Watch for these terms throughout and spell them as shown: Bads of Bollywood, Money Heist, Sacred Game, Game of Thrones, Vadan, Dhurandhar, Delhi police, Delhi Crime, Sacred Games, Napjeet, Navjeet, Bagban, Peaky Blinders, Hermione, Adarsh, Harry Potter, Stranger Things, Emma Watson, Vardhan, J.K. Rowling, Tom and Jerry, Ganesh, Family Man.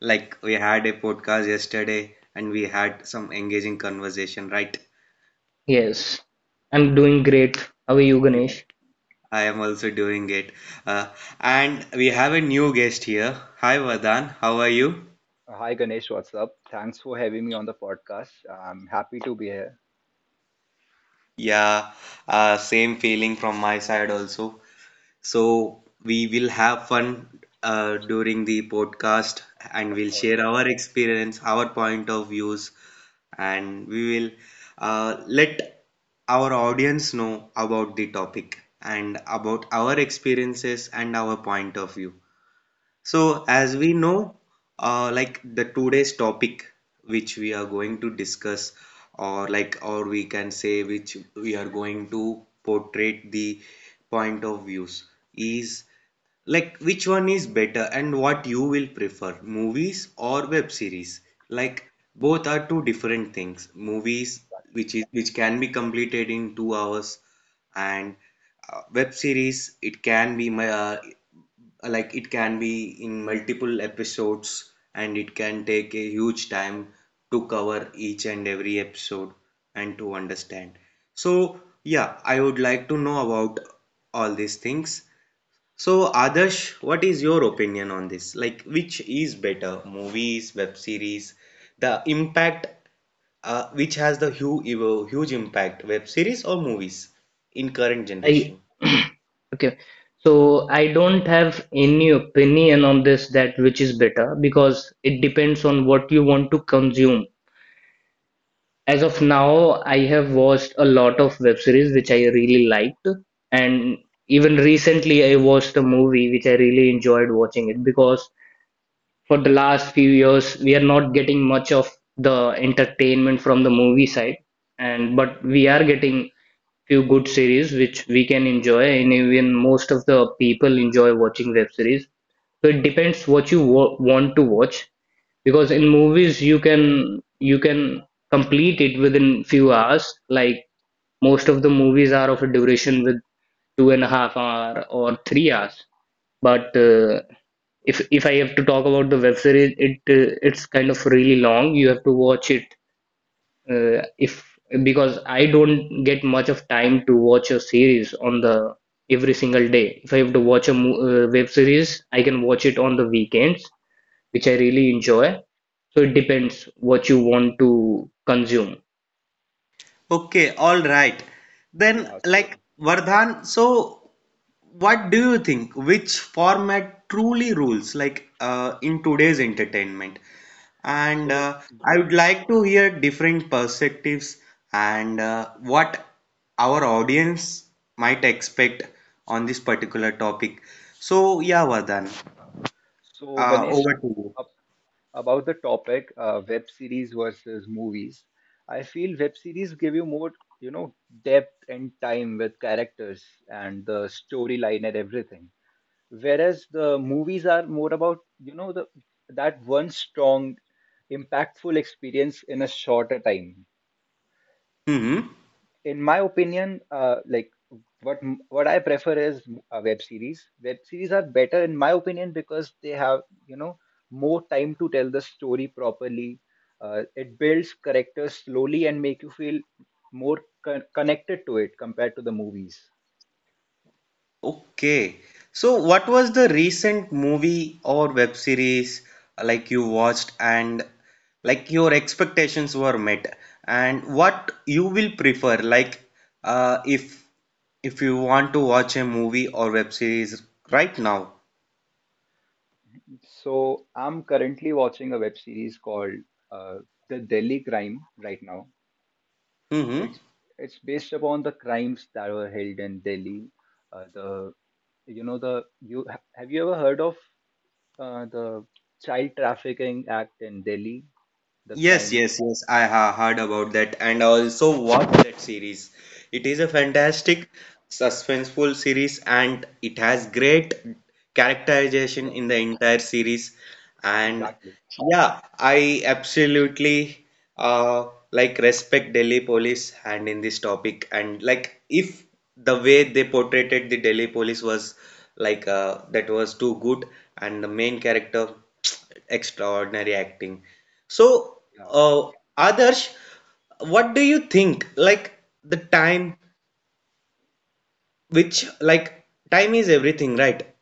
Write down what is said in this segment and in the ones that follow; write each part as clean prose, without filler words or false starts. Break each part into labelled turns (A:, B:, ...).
A: Like we had a podcast yesterday and we had some engaging conversation, right?
B: Yes, I'm doing great. How are you,
A: Yeah.
B: Ganesh?
A: I am also doing it. Uh, and we have a new guest here. Hi Vadan, how are you?
C: Hi Ganesh, what's up? Thanks for having me on the podcast. I'm happy to be here,
A: Yeah, same feeling from my side also. So we will have fun during the podcast, and
C: of
A: we'll
C: course.
A: share our experience, our point of views, and we will let our audience know about the topic and about our experiences and our point of view. So, as
C: So,
A: we know, like the today's topic which we are going to discuss, or like, or we can say which we are going to portray the point of views, is like, which one is better and what you will prefer, movies or web series? Like both are two different things. Movies, which is which can be completed in 2 hours, and web series, it can be my like it can be in multiple episodes, and it can take a huge time to cover each and every episode and to understand. So yeah, I would like to know about all these things. So Adarsh, what is your opinion on this? Like, which is better, movies, web series? The impact, which has the huge impact, web series or movies, in current
B: I
A: generation?
B: okay. So I don't have any opinion on this, that which is better, because it depends on what you want to consume. As of now, I have watched a lot of web series which I really liked, and even recently I watched a movie which I really enjoyed watching it, because for the last few years we are not getting much of the entertainment from the movie side, and but we are getting few good series which we can enjoy, and even most of the people enjoy watching web series. So it depends what you want to watch, because in movies you can complete it within few hours. Like most of the movies are of a duration with 2.5 hour or 3 hours, but if I have to talk about the web series, it it's kind of really long. You have to watch it if because I don't get much of time to watch a series on the every single day. If I have to watch a web series, I can watch it on the weekends, which I really enjoy. So it depends what you want to consume.
A: Okay, all right. Then,
C: yeah,
A: like
C: so
A: Vardhan, so what do you think? Which format truly rules, like in today's entertainment? And
C: so
A: I
C: Ga-
A: would like to hear different perspectives and what our audience might expect on this particular topic. So, yeah, Vardhan,
C: so Ganesh,
A: over to you.
C: ab- about the topic web series versus movies. I feel web series give you more, you know, depth and time with characters and the storyline and everything, whereas the movies are more about, you know, the that one strong, impactful experience in a shorter time.
A: Mm-hmm.
C: In my opinion, what I prefer is web series. Web series are better in my opinion because they have, you know, more time to tell the story properly. It builds characters slowly and make you feel more connected to it compared to the movies.
A: Okay. So, what was the recent movie or web series like you watched, and like your expectations were met, and what you will prefer, like if you want to watch a movie or web series right now.
C: So I'm currently watching a web series called uh, The Delhi Crime right now.
A: Mm-hmm.
C: It's it's based upon the crimes that were held in Delhi. The you know the you ha- Have you ever heard of the child trafficking act in Delhi, the
A: Yes,
C: crime?
A: yes, yes. I ha heard about that, and I also watched that series. It is a
C: Yeah,
A: fantastic, suspenseful series, and it has great characterization
C: yeah,
A: in the entire series. And
C: exactly.
A: yeah, I absolutely like respect Delhi police, and in this topic, and like if the way they portrayed the Delhi police was like, that was too good, and the main character extraordinary acting. So,
C: Yeah,
A: uh, Adarsh, what do you think? Like the time which, like, time is everything, right?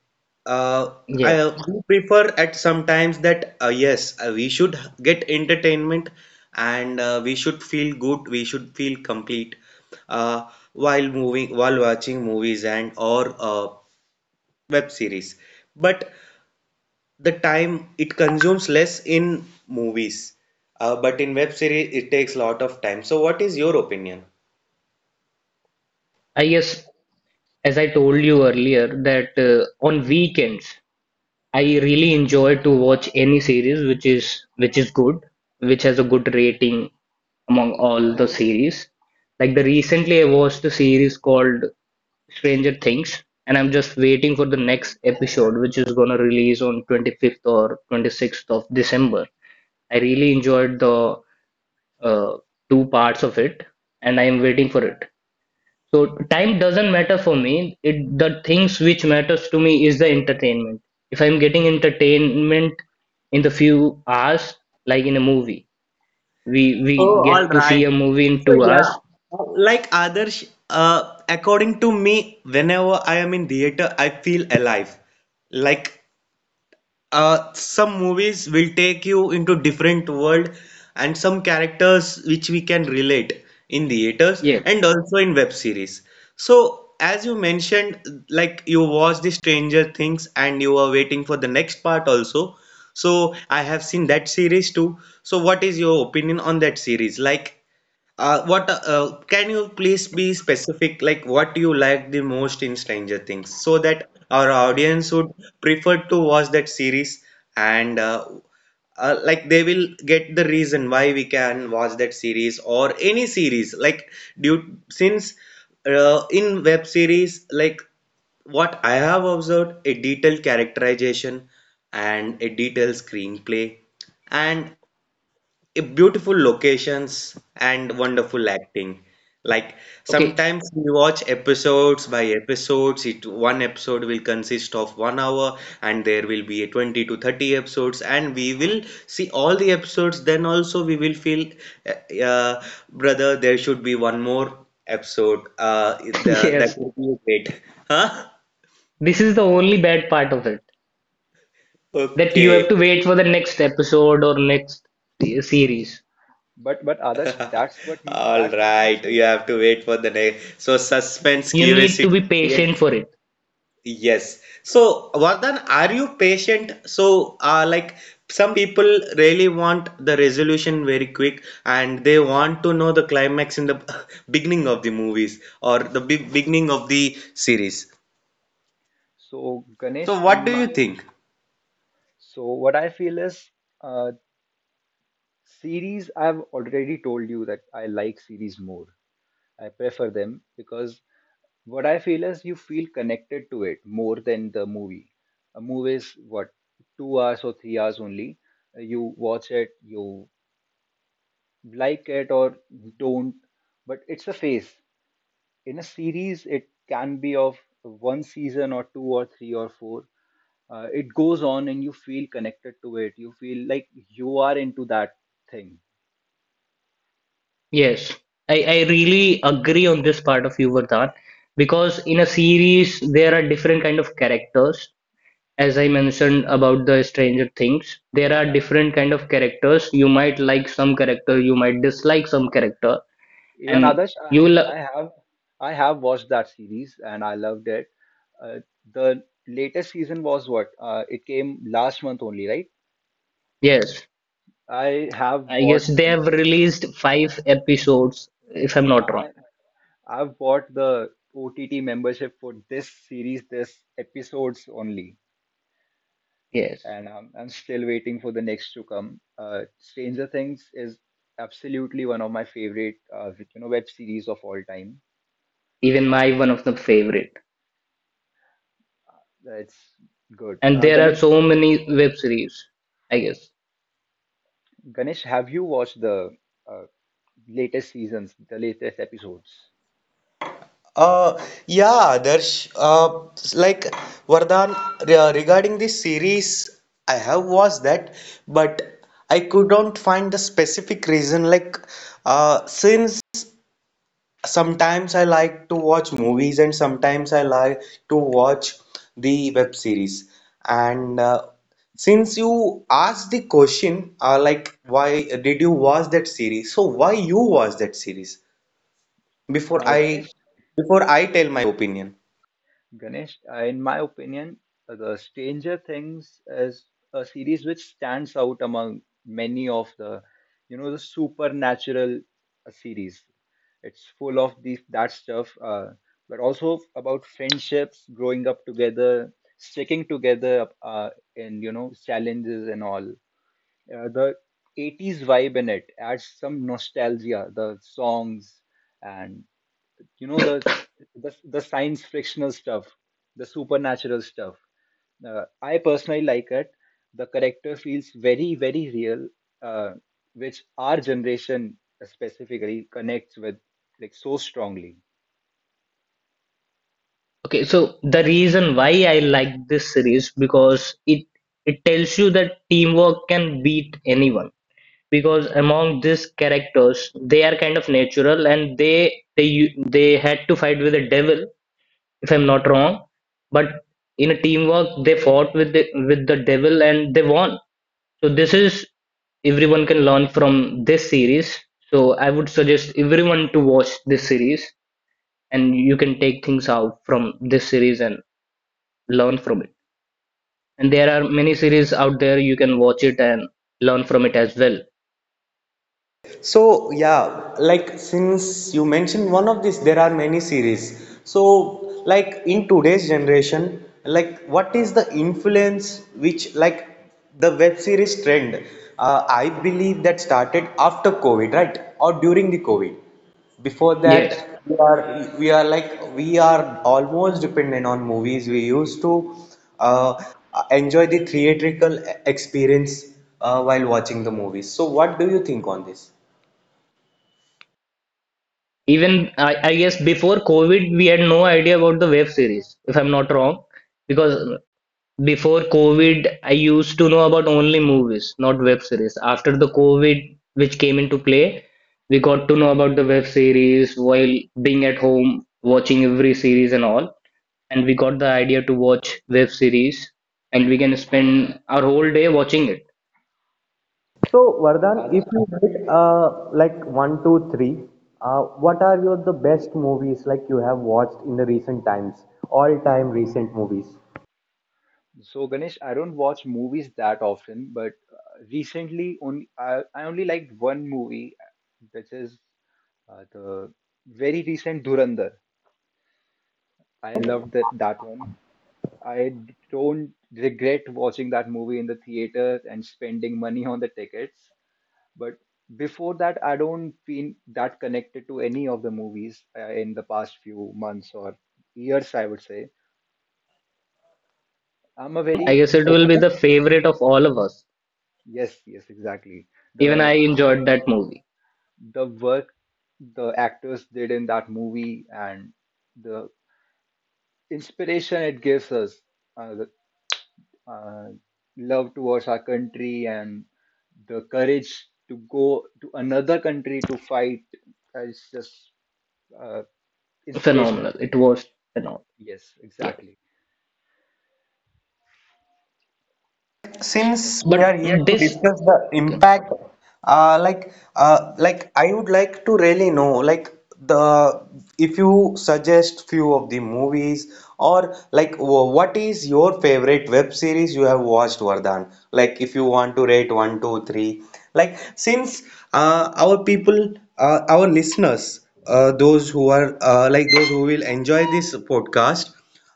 A: Uh, I
B: Yes,
A: do prefer at sometimes that, yes, we should get entertainment and we should feel good, we should feel complete uh, while moving, while watching movies and or web series. But the time it consumes less in movies, but in web series it takes a lot of time. So, what is your opinion?
B: I guess as I told you earlier that on weekends I really enjoy to watch any series which is good, which has a good rating among all the series. Like the recently I watched a series called Stranger Things, and I'm just waiting for the next episode, which is gonna release on 25th or 26th of December. I really enjoyed the uh, two parts of it, and I am waiting for it. So time doesn't matter for me. It the things which matters to me is the entertainment. If I'm getting entertainment in the few hours, like in a movie, we
A: Oh,
B: we
A: all
B: get to see
A: right.
B: a movie in
A: So
B: two
A: yeah,
B: hours.
A: like Adarsh, according to me, whenever I am in theater, I feel alive. Like some movies will take you into different world, and some characters which we can relate in theaters
B: Yes.
A: and also in web series. So as you mentioned, like you watched the Stranger Things and you are waiting for the next part also. So I have seen that series too. So what is your opinion on that series? Like what can you please be specific? Like, what you like the most in Stranger Things, so that our audience would prefer to watch that series, and like they will get the reason why we can watch that series or any series. Like, due since in web series, like what I have observed, a detailed characterization and a detailed screenplay and a beautiful locations and wonderful acting. Like
B: Okay,
A: sometimes we watch episodes by episodes. It one episode will consist of 1 hour, and there will be a 20 to 30 episodes, and we will see all the episodes. Then also we will feel, uh, uh, brother, there should be one more episode. Uh, the, that
B: yes,
A: would be great, huh?
B: this is the only bad part of it, that you have
A: Okay.
B: to wait for the next episode or next series.
C: that's what
A: All
C: that's what makes
A: right.
C: you,
A: You have to wait for the next. So suspense,
B: You need to
A: curiosity
B: be patient
A: creates.
B: for it.
A: Yes. So, Vardhan, are you patient? So, like some people really want the resolution very quick, and they want to know the climax in the beginning of the movies or the big beginning of the series.
C: so Ganesh.
A: So, what
C: And
A: do you
C: my,
A: think?
C: so what I feel is uh, series. I've already told you that I like series more. I prefer them because what I feel is you feel connected to it more than the movie. A movie is what, 2 hours or 3 hours only? You watch it, you like it or don't, but it's a phase. In a series, it can be of one season or two or three or four. It goes on and you feel connected to it. You feel like you are into that thing.
B: Yes, I really agree on this part of you, Vardhan, because in a series there are different kind of characters. As I mentioned about the Stranger Things,
C: Yeah,
B: there are
C: exactly.
B: different kind of characters. You might like some character, you might dislike some character,
C: Yeah. Even
B: and
C: Adarsh,
B: you will.
C: I have watched that series and I loved it. Uh, the latest season was what? It came last month only, right?
B: Yes,
C: I have
B: I guess
C: bought
B: they have released five episodes, if I'm not wrong.
C: I I've bought the OTT membership for this series, this episodes only,
B: Yes,
C: and I'm still waiting for the next to come. Stranger Things is absolutely one of my favorite, you know, web series of all time,
B: even my
C: and
B: one of the favorite.
C: it's good.
B: And there are so many web series, I guess.
C: Ganesh, have you watched the uh, latest seasons, the latest episodes?
A: Uh, yeah, Darsh, like Vardhan, regarding this series, I have watched that, but I couldn't find the specific reason. Like, since sometimes I like to watch movies and sometimes I like to watch the web series. And since you asked the question, like, why did you watch that series? So, why you watch that series? Before
C: Uh,
A: I,
C: Ganesh,
A: before I tell my opinion.
C: Ganesh, in my opinion, the Stranger Things is a series which stands out among many of the, you know, the supernatural series. It's full of these that stuff, but also about friendships, growing up together, sticking together, and you know, challenges and all. The 80s vibe in it adds some nostalgia. The songs, and you know the science frictional stuff, the supernatural stuff. I personally like it. The character feels very very real, uh, which our generation specifically connects with, like, so strongly.
B: Okay, so the reason why I like this series, because it tells you that teamwork can beat anyone, because among these characters they are kind of natural, and they had to fight with the devil, if I'm not wrong, but in a teamwork they fought with the devil and they won. So this is everyone can learn from this series, so I would suggest everyone to watch this series, and you can take things out from this series and learn from it. And there are many series out there you can watch it and learn from it as well.
A: So yeah, like since you mentioned one of these, there are many series. So like in today's generation, like what is the influence which like the web series trend? I believe that started after COVID, right? Or during the COVID. Before
B: Yes,
A: that, we are almost dependent on movies. We used to uh, enjoy the theatrical experience while watching the movies. So what do you think on this?
B: even I guess before covid we had no idea about the web series, if I'm not wrong, because before covid I used to know about only movies, not web series. After the covid which came into play, we got to know about the web series while being at home watching every series and all, and we got the idea to watch web series and we can spend our whole day watching it.
A: So, Vardhan, if
C: Others-
A: you hit like one, two, three, what are your the best movies like you have watched in the recent times? All time recent movies.
C: Ganesh, I don't watch movies that often, but recently only I only liked one movie which is the very recent Durandar. I loved that, that one I don't regret watching that movie in the theaters and spending money on the tickets. But before that, I don't feel that connected to any of the movies in the past few months or years, I would say. I'm a
B: I
C: very,
B: guess it will be
A: Okay.
B: the favorite of all of us.
C: yes, yes, exactly.
B: Even I
C: The
B: enjoyed that movie.
C: the work the actors did in that movie, and the inspiration it gives us, uh, uh, love towards our country and the courage to go to another country to fight is just uh, inspirational
B: Phenomenal.
C: to
B: It
C: me.
B: was phenomenal.
C: Yes,
B: Yes.
C: exactly.
A: Since
C: Uh, So,
A: we
B: But
A: are here to
B: this,
A: discuss the
B: okay.
A: impact, like I would like to really know, like the, if you suggest few of the movies, or like what is your favorite web series you have watched, Vardhan? Like if you want to rate 1, 2, 3, like since our people, our listeners, those who are, like those who will enjoy this podcast,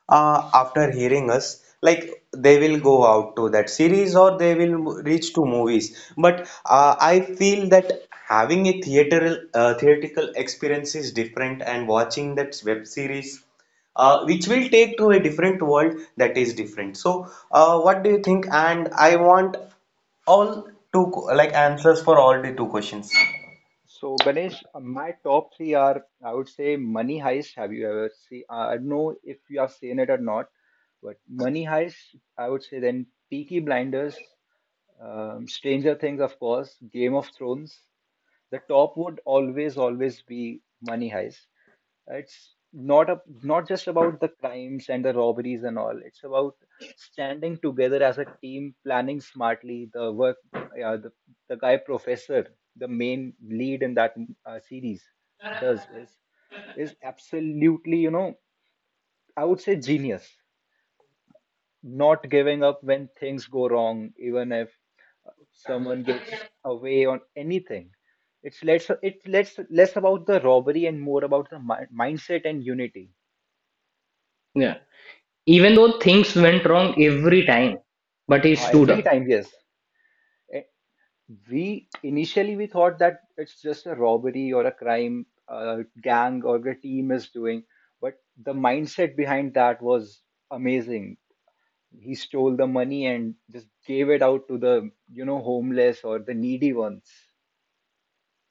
A: after hearing us, like they will go out to that series or they will reach to movies. But I feel that having a theatrical theatrical experience is different, and watching that web series which will take to a different world, that is different. So what do you think? And I want all two like answers for all the two questions.
C: so Ganesh, my top three are, I would say, Money Heist. Have you ever seen? I don't know if you have seen it or not, but Money Heist. I would say then Peaky Blinders, Stranger Things, of course, Game of Thrones. The top would always be Money Heist. It's not a, not just about the crimes and the robberies and all. It's about standing together as a team, planning smartly. The work, yeah, the guy professor, the main lead in that series, does is absolutely, you know, I would say genius. Not giving up when things go wrong, even if someone gets away on anything. It's less about the robbery and more about the mindset and unity.
B: Yeah. Even though things went wrong every time, but he
C: Ha,
B: stood
C: every
B: up.
C: time, yes. Eh, We initially we thought that it's just a robbery or a crime gang or the team is doing, but the mindset behind that was amazing. He stole the money and just gave it out to the, you know, homeless or the needy ones.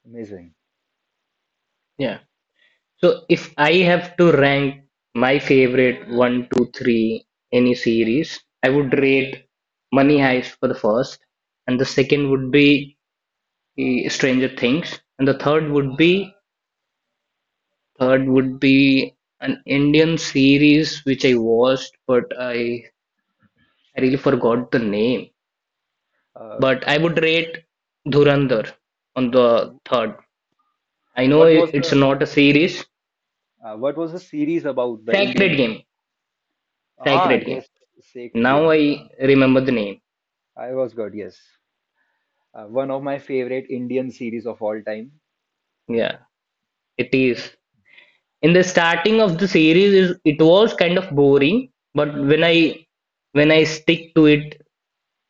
C: Amazing.
B: Yeah. So if I have to rank my favorite one, two, three, any series, I would rate Money Heist for the first, and the second would be the Stranger Things, and the third would be an Indian series which I watched, but I really forgot the name.
C: Uh,
B: But I would rate Dhurandhar on the third. I know
C: what was
B: it's
C: the,
B: not a series.
C: what was the series about, the Indian
B: Sacred
C: one?
B: Game,
C: Ah,
B: Sacred Game.
C: yes, Sacred
B: Now
C: Games.
B: I remember the name.
C: I was good, yes. One of my favorite Indian series of all time.
B: Yeah, it is. In the starting of the series, is it was kind of boring, but when I stick to it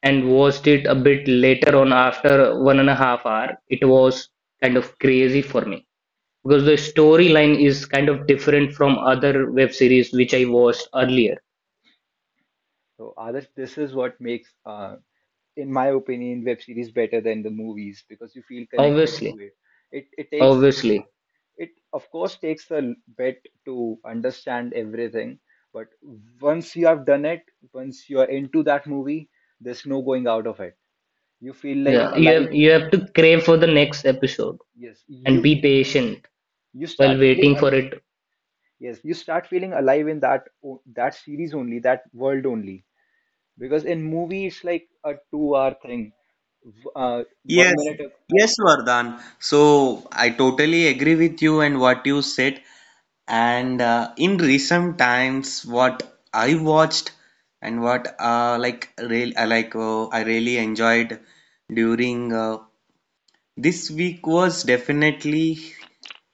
B: and watched it a bit later on, after 1.5 hour it was kind of crazy for me, because the storyline is kind of different from other web series which I watched earlier.
C: So, Adarsh, this is what makes, in my opinion, web series better than the movies, because you feel connected
B: obviously
C: to it. It takes,
B: obviously
C: it of course takes a bit to understand everything, but once you have done it, once you are into that movie, there's no going out of it. You feel like
B: yeah, you
C: alive.
B: have you have to crave for the next episode
C: Yes,
B: and be patient
C: you
B: while
C: start feeling,
B: waiting for it.
C: yes, you start feeling alive in that that series only, that world only. Because in movie, it's like a two-hour thing. V- Uh, one
A: Yes,
C: minute.
A: yes, Vardhan. So I totally agree with you and what you said. And in recent times, what I watched and what like real I like I really enjoyed during this week was definitely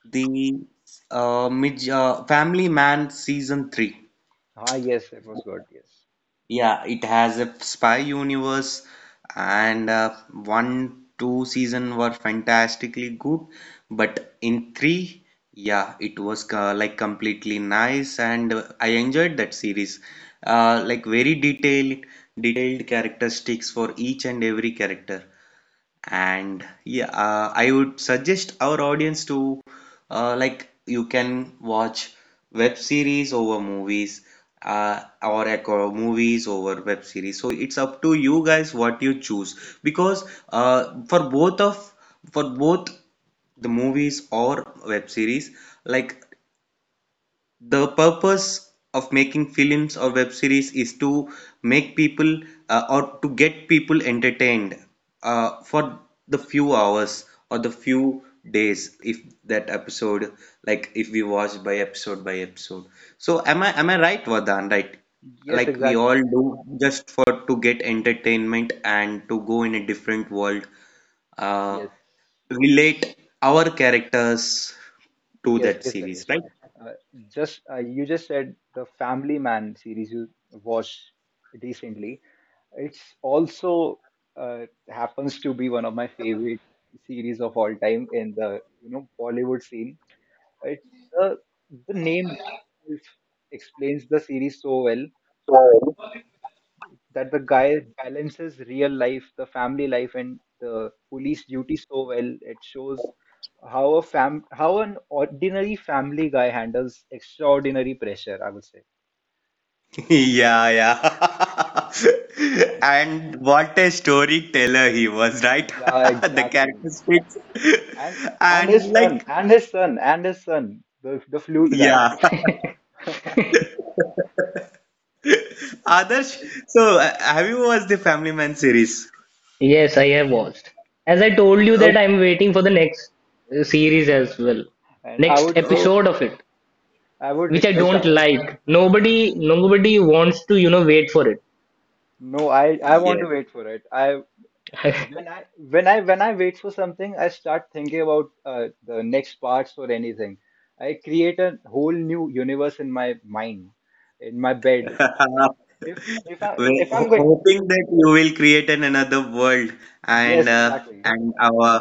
A: the mid Family Man season 3.
C: Ah, yes, it was good. Yes,
A: Yeah, it has a spy universe, and one, two season were fantastically good, but in three, yeah, it was like completely nice, and I enjoyed that series. Like very detailed, detailed characteristics for each and every character. And yeah, I would suggest our audience to like, you can watch web series over movies, or echo movies over web series. So it's up to you guys what you choose, because for both of for both the movies or web series, like the purpose of making films or web series is to make people or to get people entertained for the few hours or the few days, if that episode, like if we watch by episode by episode. So am I right, Vardhan? Right?
C: yes,
A: Like we
C: exactly.
A: all do just for to get entertainment and to go in a different world, uh,
C: Yes,
A: relate our characters to
C: yes,
A: that
C: yes,
A: series,
C: Ganesh.
A: right?
C: Uh, just you just said the Family Man series you watched recently. It's also happens to be one of my favorite series of all time in the, you know, Bollywood scene. It's, the the name itself explains the series so well, that the guy balances real life, the family life, and the police duty so well. It shows how a fam how an ordinary family guy handles extraordinary pressure, I would say.
A: Yeah, yeah. And what a storyteller he was, right?
C: Yeah,
A: The
C: exactly.
A: characteristics.
C: And and his
A: And
C: son,
A: like,
C: and his son, and his son, the flute guy.
A: yeah. Others. So, have you watched the Family Man series?
B: Yes, I have watched, as I told you, that
A: Oh,
B: I'm waiting for the next series as well,
C: And
B: next
A: oh,
B: episode of it,
C: I would
B: which I
C: request
A: oh.
B: don't
C: others.
B: like. Nobody wants to wait for it.
C: No, I want
A: Yes.
C: to wait for it. I When I when I when I wait for something, I start thinking about the next parts or anything. I create a whole new universe in my mind, in my bed. If if I
A: We're
C: if I'm going,
A: hoping that you will create an another world, and
C: yes, exactly.
A: our,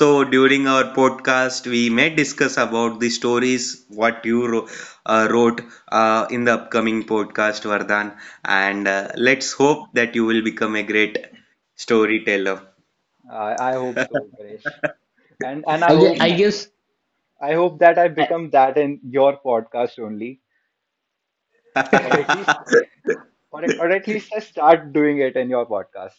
A: so during our podcast we may discuss about the stories what you wrote in the upcoming podcast, Vardhan, and let's hope that you will become a great storyteller.
C: I hope so, Ganesh. And I
B: I guess,
C: hope
B: I guess,
C: I hope that I
B: I,
C: become that in your podcast only, or at least,
A: Yeah.
C: or at least I start doing it in your podcast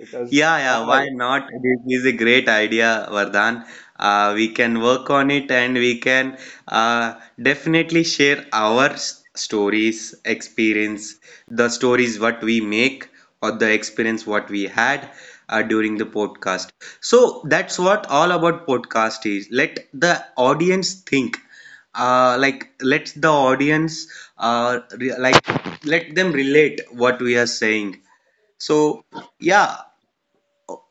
C: because
A: Yeah, yeah,
C: I
A: why not? This is a great idea, Vardhan. We can work on it, and we can uh, definitely share our stories, experience, the stories what we make or the experience what we had during the podcast. So that's what all about podcast is. Let the audience think. Like let the audience like let them relate what we are saying. So yeah,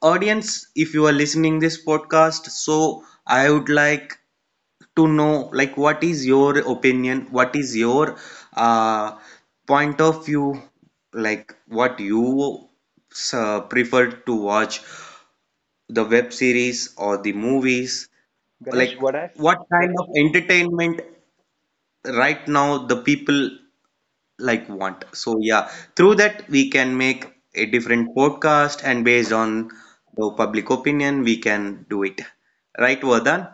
A: audience, if you are listening this podcast, so I would like to know, like what is your opinion, what is your uh, point of view, like what you prefer to watch, the web series or the movies, like
C: Ganesh, what I
A: what kind of
C: Ganesh,
A: entertainment right now the people like want. So yeah, through that we can make a different podcast, and based on the public opinion we can do it. Right, Vardhan?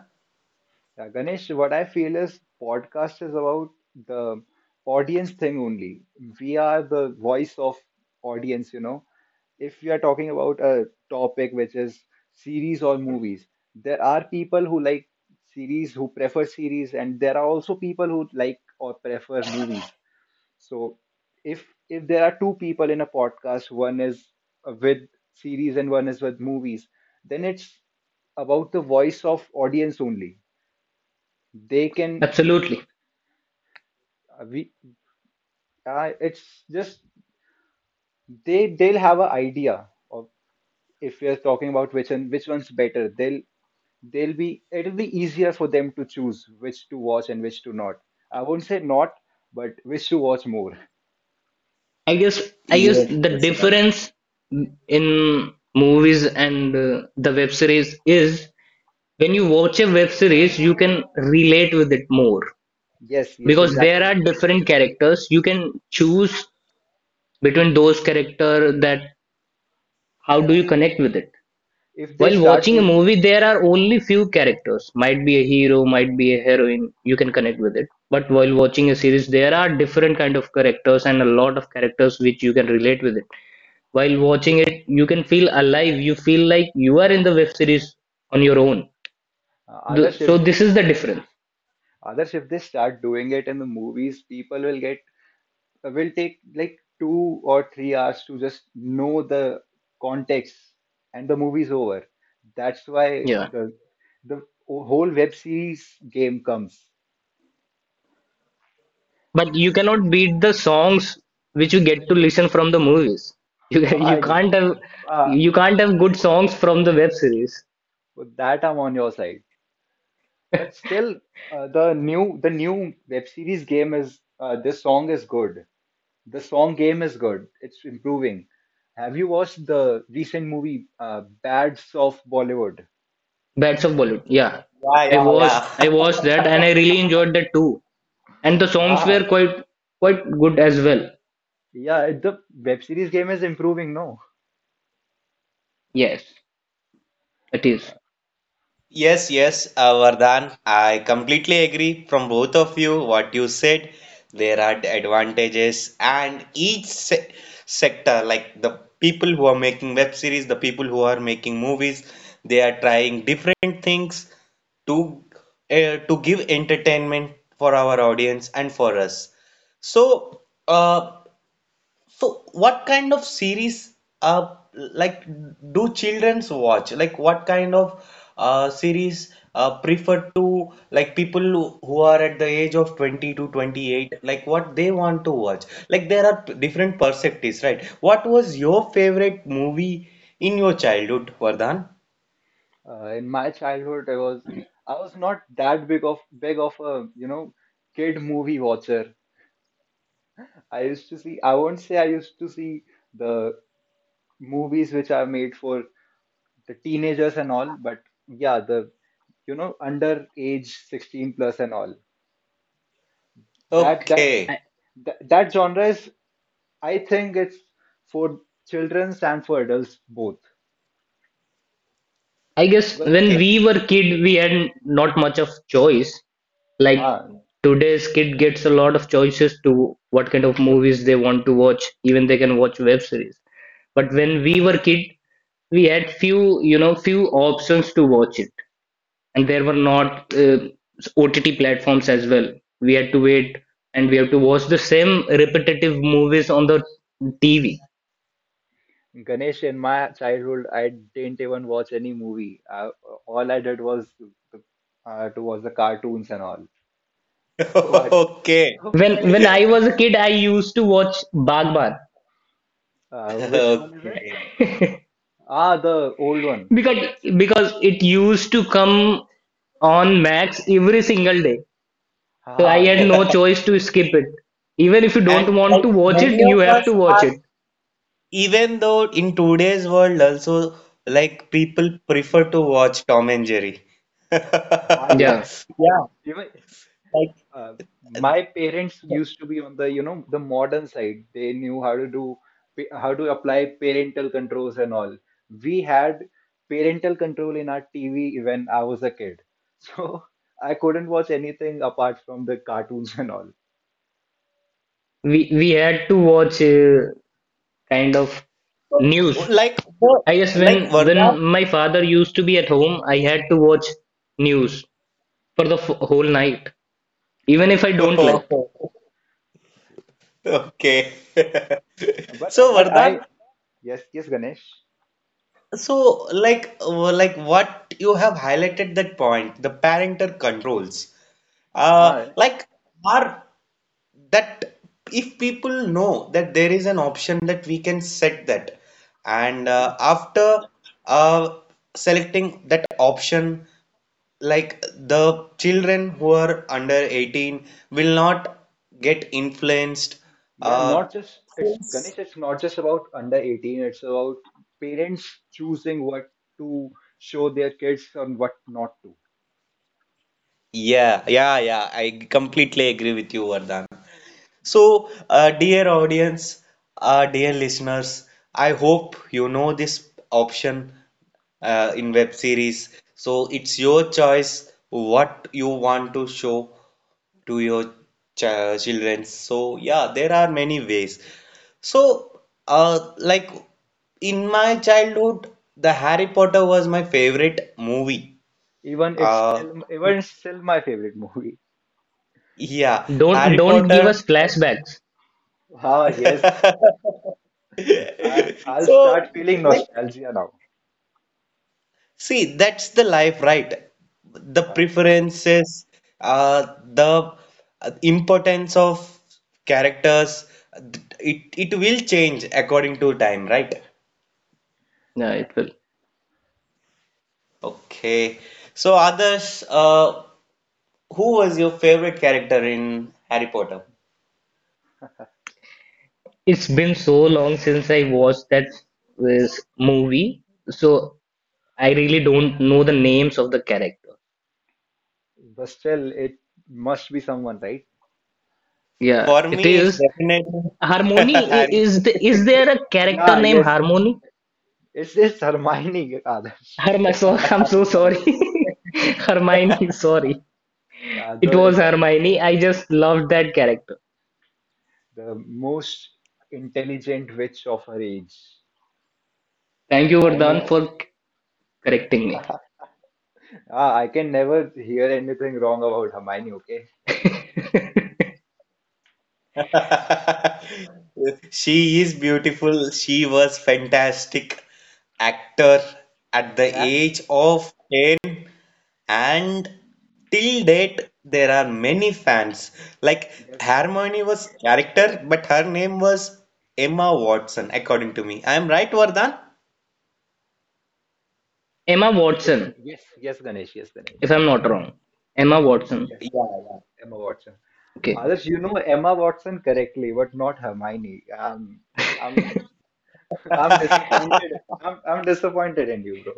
C: Yeah, Ganesh, what I feel is, podcast is about the audience thing only. We are the voice of audience, you know. If we are talking about a topic which is series or movies, there are people who like series, who prefer series, and there are also people who like or prefer movies. So if there are two people in a podcast, one is with series and one is with movies, then it's about the voice of audience only. They can,
B: absolutely.
C: We it's just, they'll have an idea of, if we are talking about which one, which one's better, they'll be, it'll be easier for them to choose which to watch and which to not. I won't say not, but which to watch more.
B: I guess, I guess
A: Yes,
B: the
A: yes, Vardhan.
B: difference in movies and the web series is, when you watch a web series, you can relate with it more,
C: Yes, yes,
B: because there
C: exactly.
B: are different characters. You can choose between those character, that how do you connect with it,
C: If they
B: while
C: start
B: watching a
C: doing
B: movie, there are only few characters. Might be a hero, might be a heroine. You can connect with it. But while
C: if,
B: watching a series, there are different kind of characters and a lot of characters which you can relate with it. While watching
C: if
B: it, you can feel alive. You feel like you are in the web series on your own. The,
C: others
B: so
C: if
B: this
C: this
B: is the difference.
C: others If they start doing it in the movies, people will get, will take like 2 or 3 hours to just know the context, and the movie's over. That's why
B: Yeah,
C: the whole web series game comes.
B: but you cannot beat the songs which you get to listen from the movies. You
C: Ah,
B: you can't
C: exactly.
B: have
C: Ah,
B: you can't have good songs from the web series.
C: with that I'm on your side. But still, the new web series game is this song is good. The song game is good. It's improving. Have you watched the recent movie Bads of Bollywood?
B: Bats of Bollywood. Yeah,
A: Yeah,
B: I
C: Yes.
A: yeah,
B: watched
A: yeah.
B: I watched that and I really enjoyed that too. And the songs were
C: Ah,
B: quite good as well.
C: yeah, it- the web series game is improving, no?
B: Yes, it is.
A: Yes, yes, Vardhan, I completely agree from both of you what you said. There are advantages, and each se sector, like the people who are making web series, the people who are making movies, they are trying different things to to give entertainment for our audience and for us. So, uh, so, what kind of series like do childrens watch? Like what kind of series prefer to like people who are at the age of 20 to 28, like what they want to watch? Like there are different perspectives, right? What was your favorite movie in your childhood, Vardhan?
C: In my childhood, I was not that big of, a, you know, kid movie watcher. I used to see, I won't say I used to see the movies which are made for the teenagers and all, but yeah, the, you know, under age 16 plus and all. That that
A: Okay.
B: I,
C: that genre is, I think it's for children and for adults both.
B: I guess
C: But the,
B: when
A: Okay.
B: we were kid, we had not much of choice. Like
C: huh,
B: today's kid gets a lot of choices to what kind of movies they want to watch. Even they can watch web series. But when we were kid, we had few you know few options to watch it. And there were not OTT platforms as well. We had to wait and we have to watch the same repetitive movies on the TV.
C: Ganesh, in my childhood, I didn't even watch any movie. All I did was to, to watch the cartoons and all. So I don't
A: Okay.
C: know
B: When I was a kid, I used to watch Bagban,
C: which one is it?
A: Okay.
C: Ah, the old one.
B: because
C: Yes.
B: it used to come on Max every single day. So I
C: Ah,
B: had
C: yes.
B: no choice to skip it. Even if you
A: And
B: don't want to
A: like
B: watch it,
A: many
B: you
A: of
B: have to
A: us
B: watch
A: are
B: it.
A: Even though in today's world also like people prefer to watch Tom and Jerry.
C: Ah,
A: Yeah,
C: yes.
B: Yeah,
C: Even
A: like
C: uh, my parents used to be on the you know the modern side. They knew how to apply parental controls and all. We had parental control in our TV when I was a kid, so I couldn't watch anything apart from the cartoons and all,
B: we had to watch kind of news,
A: like the-
B: I guess, when
A: like
B: when
A: Vardhan.
B: my father used to be at home. I had to watch news for the whole night, even if I don't like.
C: you know
A: Okay. So
C: but I
A: Vardhan,
C: yes, yes, Ganesh,
A: so like what you have highlighted that point, the parental controls.
C: hi,
A: Like, are that if people know that there is an option that we can set that, and
C: yes,
A: after uh, selecting that option, like the children who are under 18 will not get influenced,
C: yeah.
A: uh,
C: not just It's Ganesh, it's not just about under 18, it's about parents choosing what to show their kids and what not to.
A: yeah, I completely agree with you, Vardhan. So, dear audience, dear listeners, I hope you know this option in web series. So it's your choice what you want to show to your children. So yeah, there are many ways. So like in my childhood, the Harry Potter was my favorite movie.
C: Even it's
A: Uh,
C: still even it's still my favorite movie.
A: yeah,
B: Don't
A: Harry
B: don't give
A: Potter.
B: us flashbacks.
C: Ah, yes, I'll start
A: So
C: feeling
A: like,
C: nostalgia now.
A: see, that's the life, right? The
C: Ah,
A: preferences, the importance of characters, it will change according to time, right?
B: Yeah,
C: yeah.
B: it will.
A: Okay. So, others, who was your favorite character in Harry Potter?
B: It's been so long since I watched that this movie, so I really don't know the names of the character.
C: But still, it must be someone, right?
B: Yeah,
A: For
B: it
A: me, it's
B: is
A: definitely
B: Harmony. i-
A: Harry.
B: Is the, is there a character
C: Yeah,
B: named
C: yes,
B: Harmony?
C: it's Hermione. Adarsh.
B: Herm so, I'm so sorry. Hermione, sorry.
C: Yeah,
B: It
C: the
B: was
C: the
B: Hermione. I just loved that character.
C: the most intelligent witch of her age.
B: Thank you,
C: I
B: Vardhan, for
C: know.
B: correcting me.
C: Ah, I can never hear anything wrong about Hermione. Okay,
A: She is beautiful. She was fantastic actor at the
C: and
A: age of 10, and till date there are many fans. Like
C: yes,
A: Harmony was character, but her name was Emma Watson according to me. I am right, Vardhan?
B: Emma
C: yes,
B: Watson,
C: yes, yes, Ganesh, yes, Ganesh,
B: if I'm not wrong. Emma Watson.
C: yes,
A: Yeah, yeah.
C: Emma Watson.
B: Okay.
C: Others, you know Emma Watson correctly, but not Hermione. I'm, I'm disappointed. I'm disappointed in you, bro.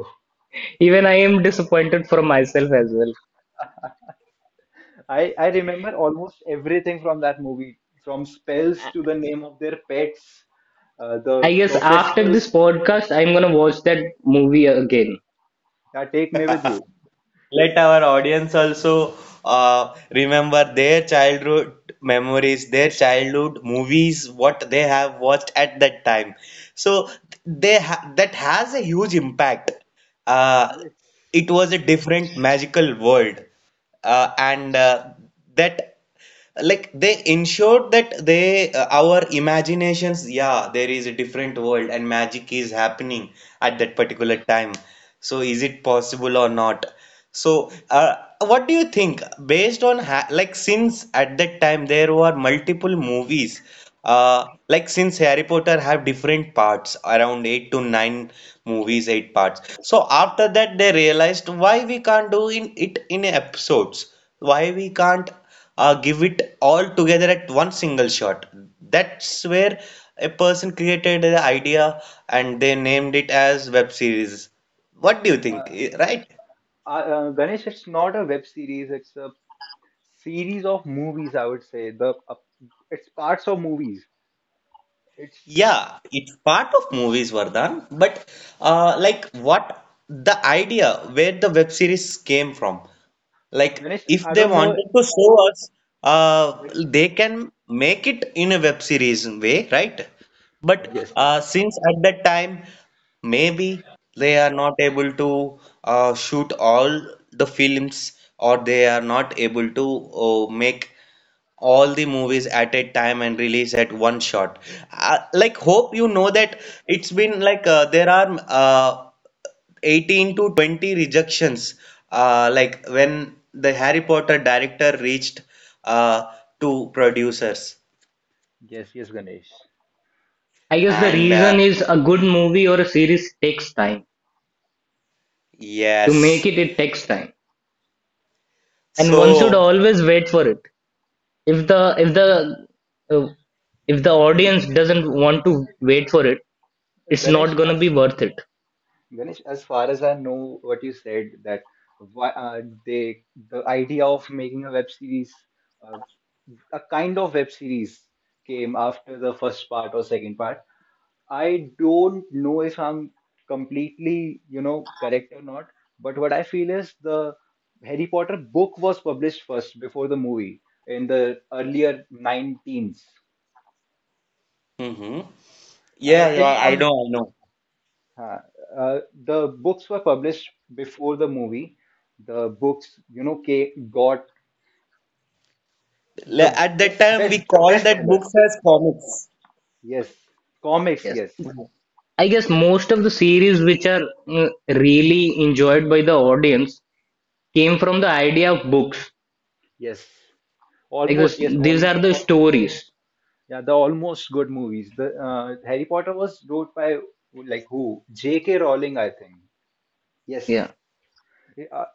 B: Even I am disappointed for myself as well.
C: I remember almost everything from that movie, from spells to the name of their pets,
B: I
C: the
B: guess after
C: professors.
B: this podcast, I'm gonna watch that movie again.
C: That take me with you.
A: Let our audience also remember their childhood memories, their childhood movies, what they have watched at that time. So they ha that has a huge impact. Uh,
C: Yes.
A: it was a different magical world, and that like they ensured that they our imaginations, yeah, there is a different world and magic is happening at that particular time. So is it possible or not? So what do you think? Based on ha like, since at that time there were multiple movies, like, since Harry Potter have different parts, around eight to nine
C: Yes.
A: movies, eight parts. So after that they realized, why we can't do in it in episodes? Why we can't give it all together at one single shot? That's where a person created the idea and they named it as web series. What do you think?
C: Uh,
A: Eh, right?
C: Ganesh, it's not a web series. It's a series of movies. I would say, the it's parts of movies. It's
A: Yeah, it's part of movies, Vardhan. But like, what the idea where the web series came from? Like,
C: Ganesh.
A: if
C: I
A: they
C: don't know.
A: wanted to show us, they can make it in a web series way, right? But
C: Yes, yes.
A: since at that time, maybe they are not able to shoot all the films, or they are not able to make all the movies at a time and release at one shot. Like, hope you know that it's been like, there are 18 to 20 rejections. Like, when the Harry Potter director reached uh, to producers,
C: Yes, yes, Ganesh.
B: I guess the
A: and
B: reason is, a good movie or a series takes time. To make
A: yes,
B: it, it takes time, and one should
A: so
B: always wait for it. If uh, the audience doesn't want to wait for it, it's not
C: Ganesh,
B: gonna
C: as
B: be worth it.
C: Ganesh, as far as I know, what you said, that why the idea of making a web series, uh, a kind of web series, came after the first part or second part. I don't know if I'm completely, correct or not. But what I feel is the Harry Potter book was published first before the movie in the earlier 19s.
A: mhm.
C: I
A: Yeah, yeah,
C: think,
A: I know,
C: I'm
A: I know.
C: Uh, uh, the books were published before the movie. The books, got the
A: At that
C: best,
A: time,
C: best,
A: we
C: the
A: called
C: best
A: that
C: sellers.
A: books as comics.
C: Yes, comics.
B: Yes.
C: Yes,
B: I guess most of the series which are really enjoyed by the audience came from the idea of books.
C: yes,
B: I
C: almost.
B: guess
C: Yes,
B: these
C: all,
B: are the
C: all.
B: stories.
C: Yeah, the almost good movies. The Harry Potter was wrote by, like, who? J.K. Rowling, I think. Yes,
B: Yeah,
C: uh,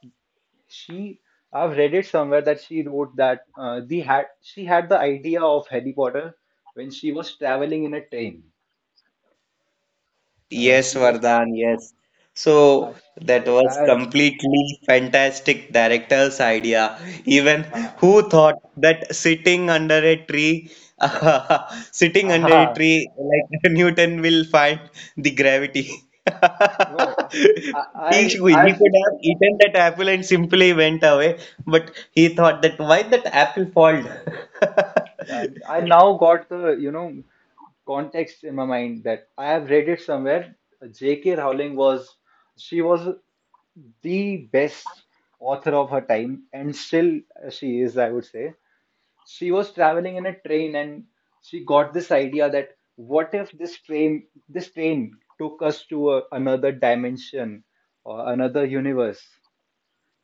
C: she. I've read it somewhere that she wrote that, the had she had the idea of Harry Potter when she was traveling in a train.
A: Yes,
C: She was
A: Vardhan, yes. So
C: Ash,
A: that
C: yes,
A: was
C: and
A: completely fantastic director's idea. Even
C: uh,
A: who thought that sitting under a tree, sitting under a tree, like, Newton will find the gravity.
C: no, I,
A: He,
C: I,
A: should- he
C: I've,
A: could have eaten that apple and simply went away, but he thought that why that apple fall?
C: yeah, I now got the, context in my mind that I have read it somewhere. J.K. Rowling was, she was the best author of her time, and still, she is, I would say. She was traveling in a train, and she got this idea that, what if this train took us to another dimension or another universe?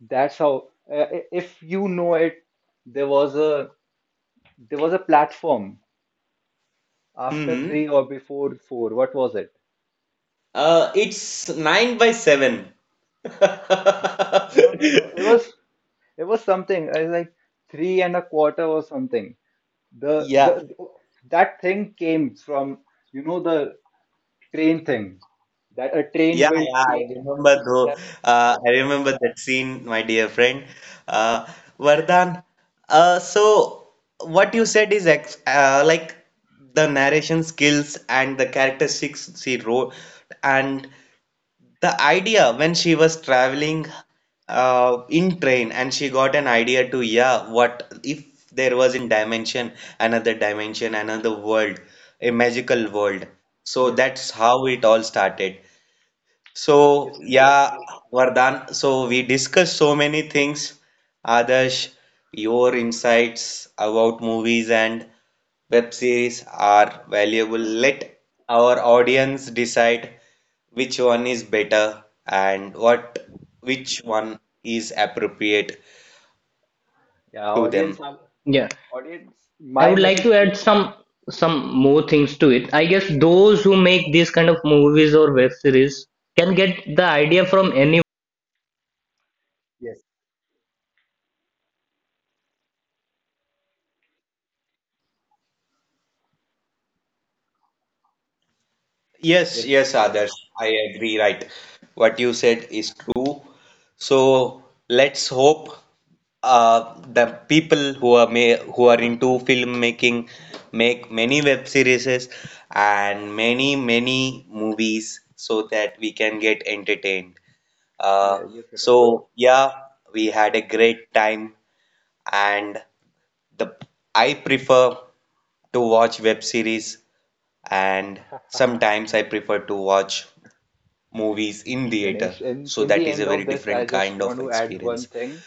C: That's how, if you know it, there was a platform after
A: hmm
C: three or before four. What was it?
A: It's nine by seven.
C: No, no, no. It was something. I was like three and a quarter or something. The
A: Yeah,
C: that thing came from, the train thing, that a train
A: yeah,
C: will
A: yeah. I
C: take
A: remember though.
C: that. Ah,
A: I remember that scene, my dear friend. Uh, Vardhan, so what you said is ex like the narration skills and the characteristics she wrote, and the idea when she was traveling in train, and she got an idea to, yeah, what if there was in dimension, another dimension, another world, a magical world? So
C: yes,
A: that's how it all started. So
C: yes, yes, Ganesh.
A: yeah, Vardhan, so we discussed so many things. Adarsh, your insights about movies and web series are valuable. Let our audience decide which one is better and what which one is appropriate
C: Yeah,
A: to
C: audience,
A: them.
B: yeah.
C: audience.
B: I
C: My
B: would like
C: message
B: to
C: to.
B: add some more things to it. I guess those who make these kind of movies or web series can get the idea from
C: Yes,
A: Yes,
C: yes, yes,
A: yes, others.
C: Adarsh.
A: I agree, right. What you said is true. So let's hope the people who are who are into filmmaking make many web series and many many movies so that we can get entertained. Uh,
C: Yeah, yes,
A: so
C: Ganesh.
A: yeah, we had a great time, and the I prefer to watch web series, and sometimes I prefer to watch movies in theater.
C: Ganesh, in,
A: So
C: in
A: that
C: the
A: is a
C: end
A: very
C: of this, I
A: different
C: just
A: kind
C: want
A: of
C: to add one
A: experience.
C: thing.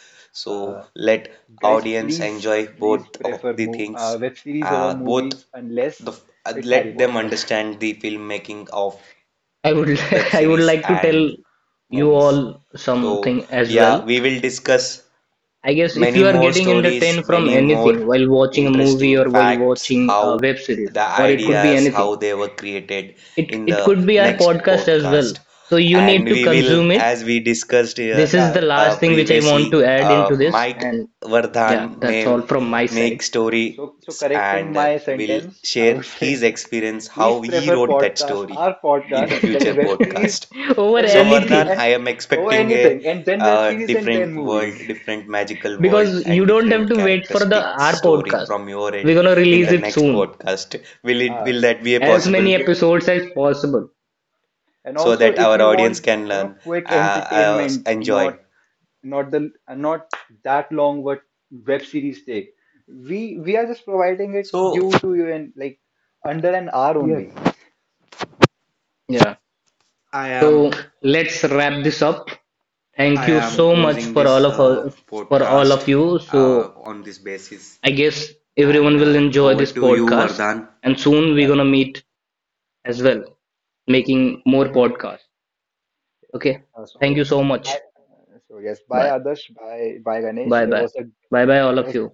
C: Uh,
A: So let
C: Guys,
A: audience
C: please,
A: enjoy
C: please
A: both of
C: prefer
A: the things,
C: web series over
A: both
C: movies unless
A: the
C: it's Harry
A: let them
C: Potter.
A: understand the filmmaking of
B: I would
A: web
B: I would
A: series
B: like to tell
A: and
B: you
A: movies.
B: all
A: So
B: something as well.
A: yeah, we will discuss
B: I guess if
A: many
B: you are
A: more
B: getting
A: stories,
B: entertained from
A: many more
B: anything while watching a movie
A: interesting
B: or while
A: facts,
B: watching a
A: how
B: web series,
A: the
B: or it could
C: Yes,
B: be
A: ideas,
C: Abhay.
A: how
B: anything.
A: they were created
B: It
A: in
B: it
A: the
B: could be our
A: next
B: podcast as
A: podcast.
B: well. So you
A: And
B: need to
A: we will,
B: consume it.
A: as we discussed here
B: This is the
C: Yeah,
B: last thing which I want to
A: previously,
B: add into this,
A: might
B: and yeah,
A: Vardhan
B: that's all
A: may
B: from my side.
A: make stories
C: so correcting
A: and
C: my
A: will
C: sentence, I
A: share
C: would
A: his
C: say
A: experience,
C: please
A: how he
C: prefer
A: wrote that
C: podcasts,
A: story
C: our
A: in
C: podcast,
A: the future podcast.
B: Over
C: then
A: So
C: web series,
A: Vardhan,
B: anything.
C: and
A: I am
C: oh
A: expecting a
C: anything, and then web series, and then
A: different world,
C: movies.
A: different magical world,
B: Because you
A: and
B: don't have
A: different
B: to wait for the
A: characteristic
B: our
A: story
B: podcast.
A: from your
B: We're
A: end
B: gonna
A: in
B: release
A: the
C: Yes.
B: it
A: next
B: soon.
A: podcast. Will it
C: Uh,
A: will that be a
C: c-
B: As many
A: possible
C: yes.
B: episodes as possible.
C: And
A: so
C: also,
A: that
C: if
A: our
C: you
A: audience
C: want,
A: can learn,
C: quick entertainment,
A: enjoy?
C: not that long, what web series take, we are just providing it
A: So
C: you to you in, like, under an hour only.
B: Yeah.
A: I am
B: So let's wrap this up. Thank
A: I
B: you
C: Yes,
A: am
B: so much
A: closing
B: for all
A: this
B: of us, for all
A: podcast
B: of
C: yes,
B: you. So
A: on this basis,
B: I guess
A: and
B: everyone will enjoy
A: over
B: this
A: to you,
B: podcast,
A: Vardhan.
B: and soon we're
C: yeah,
B: gonna meet as well,
C: yes.
B: making more podcasts. Okay.
C: uh,
B: Thank you
C: so
B: so
C: by,
B: much.
C: so yes, by
B: Bye.
C: others, by Ganesh,
B: Bye
C: it
B: bye.
C: was a
B: Bye bye all of
C: was
B: you.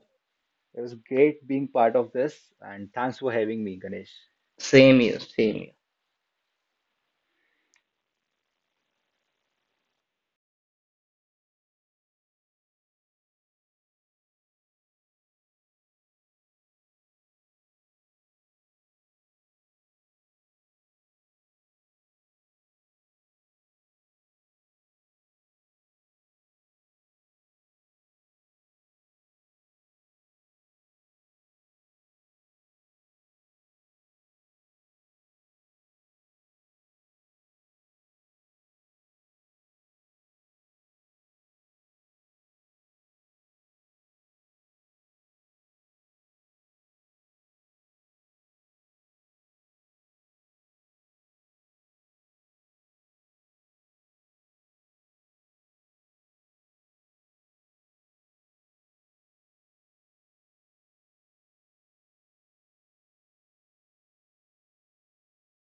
C: it was great being part of this, and thanks for having me, Ganesh.
B: Same here. Same here.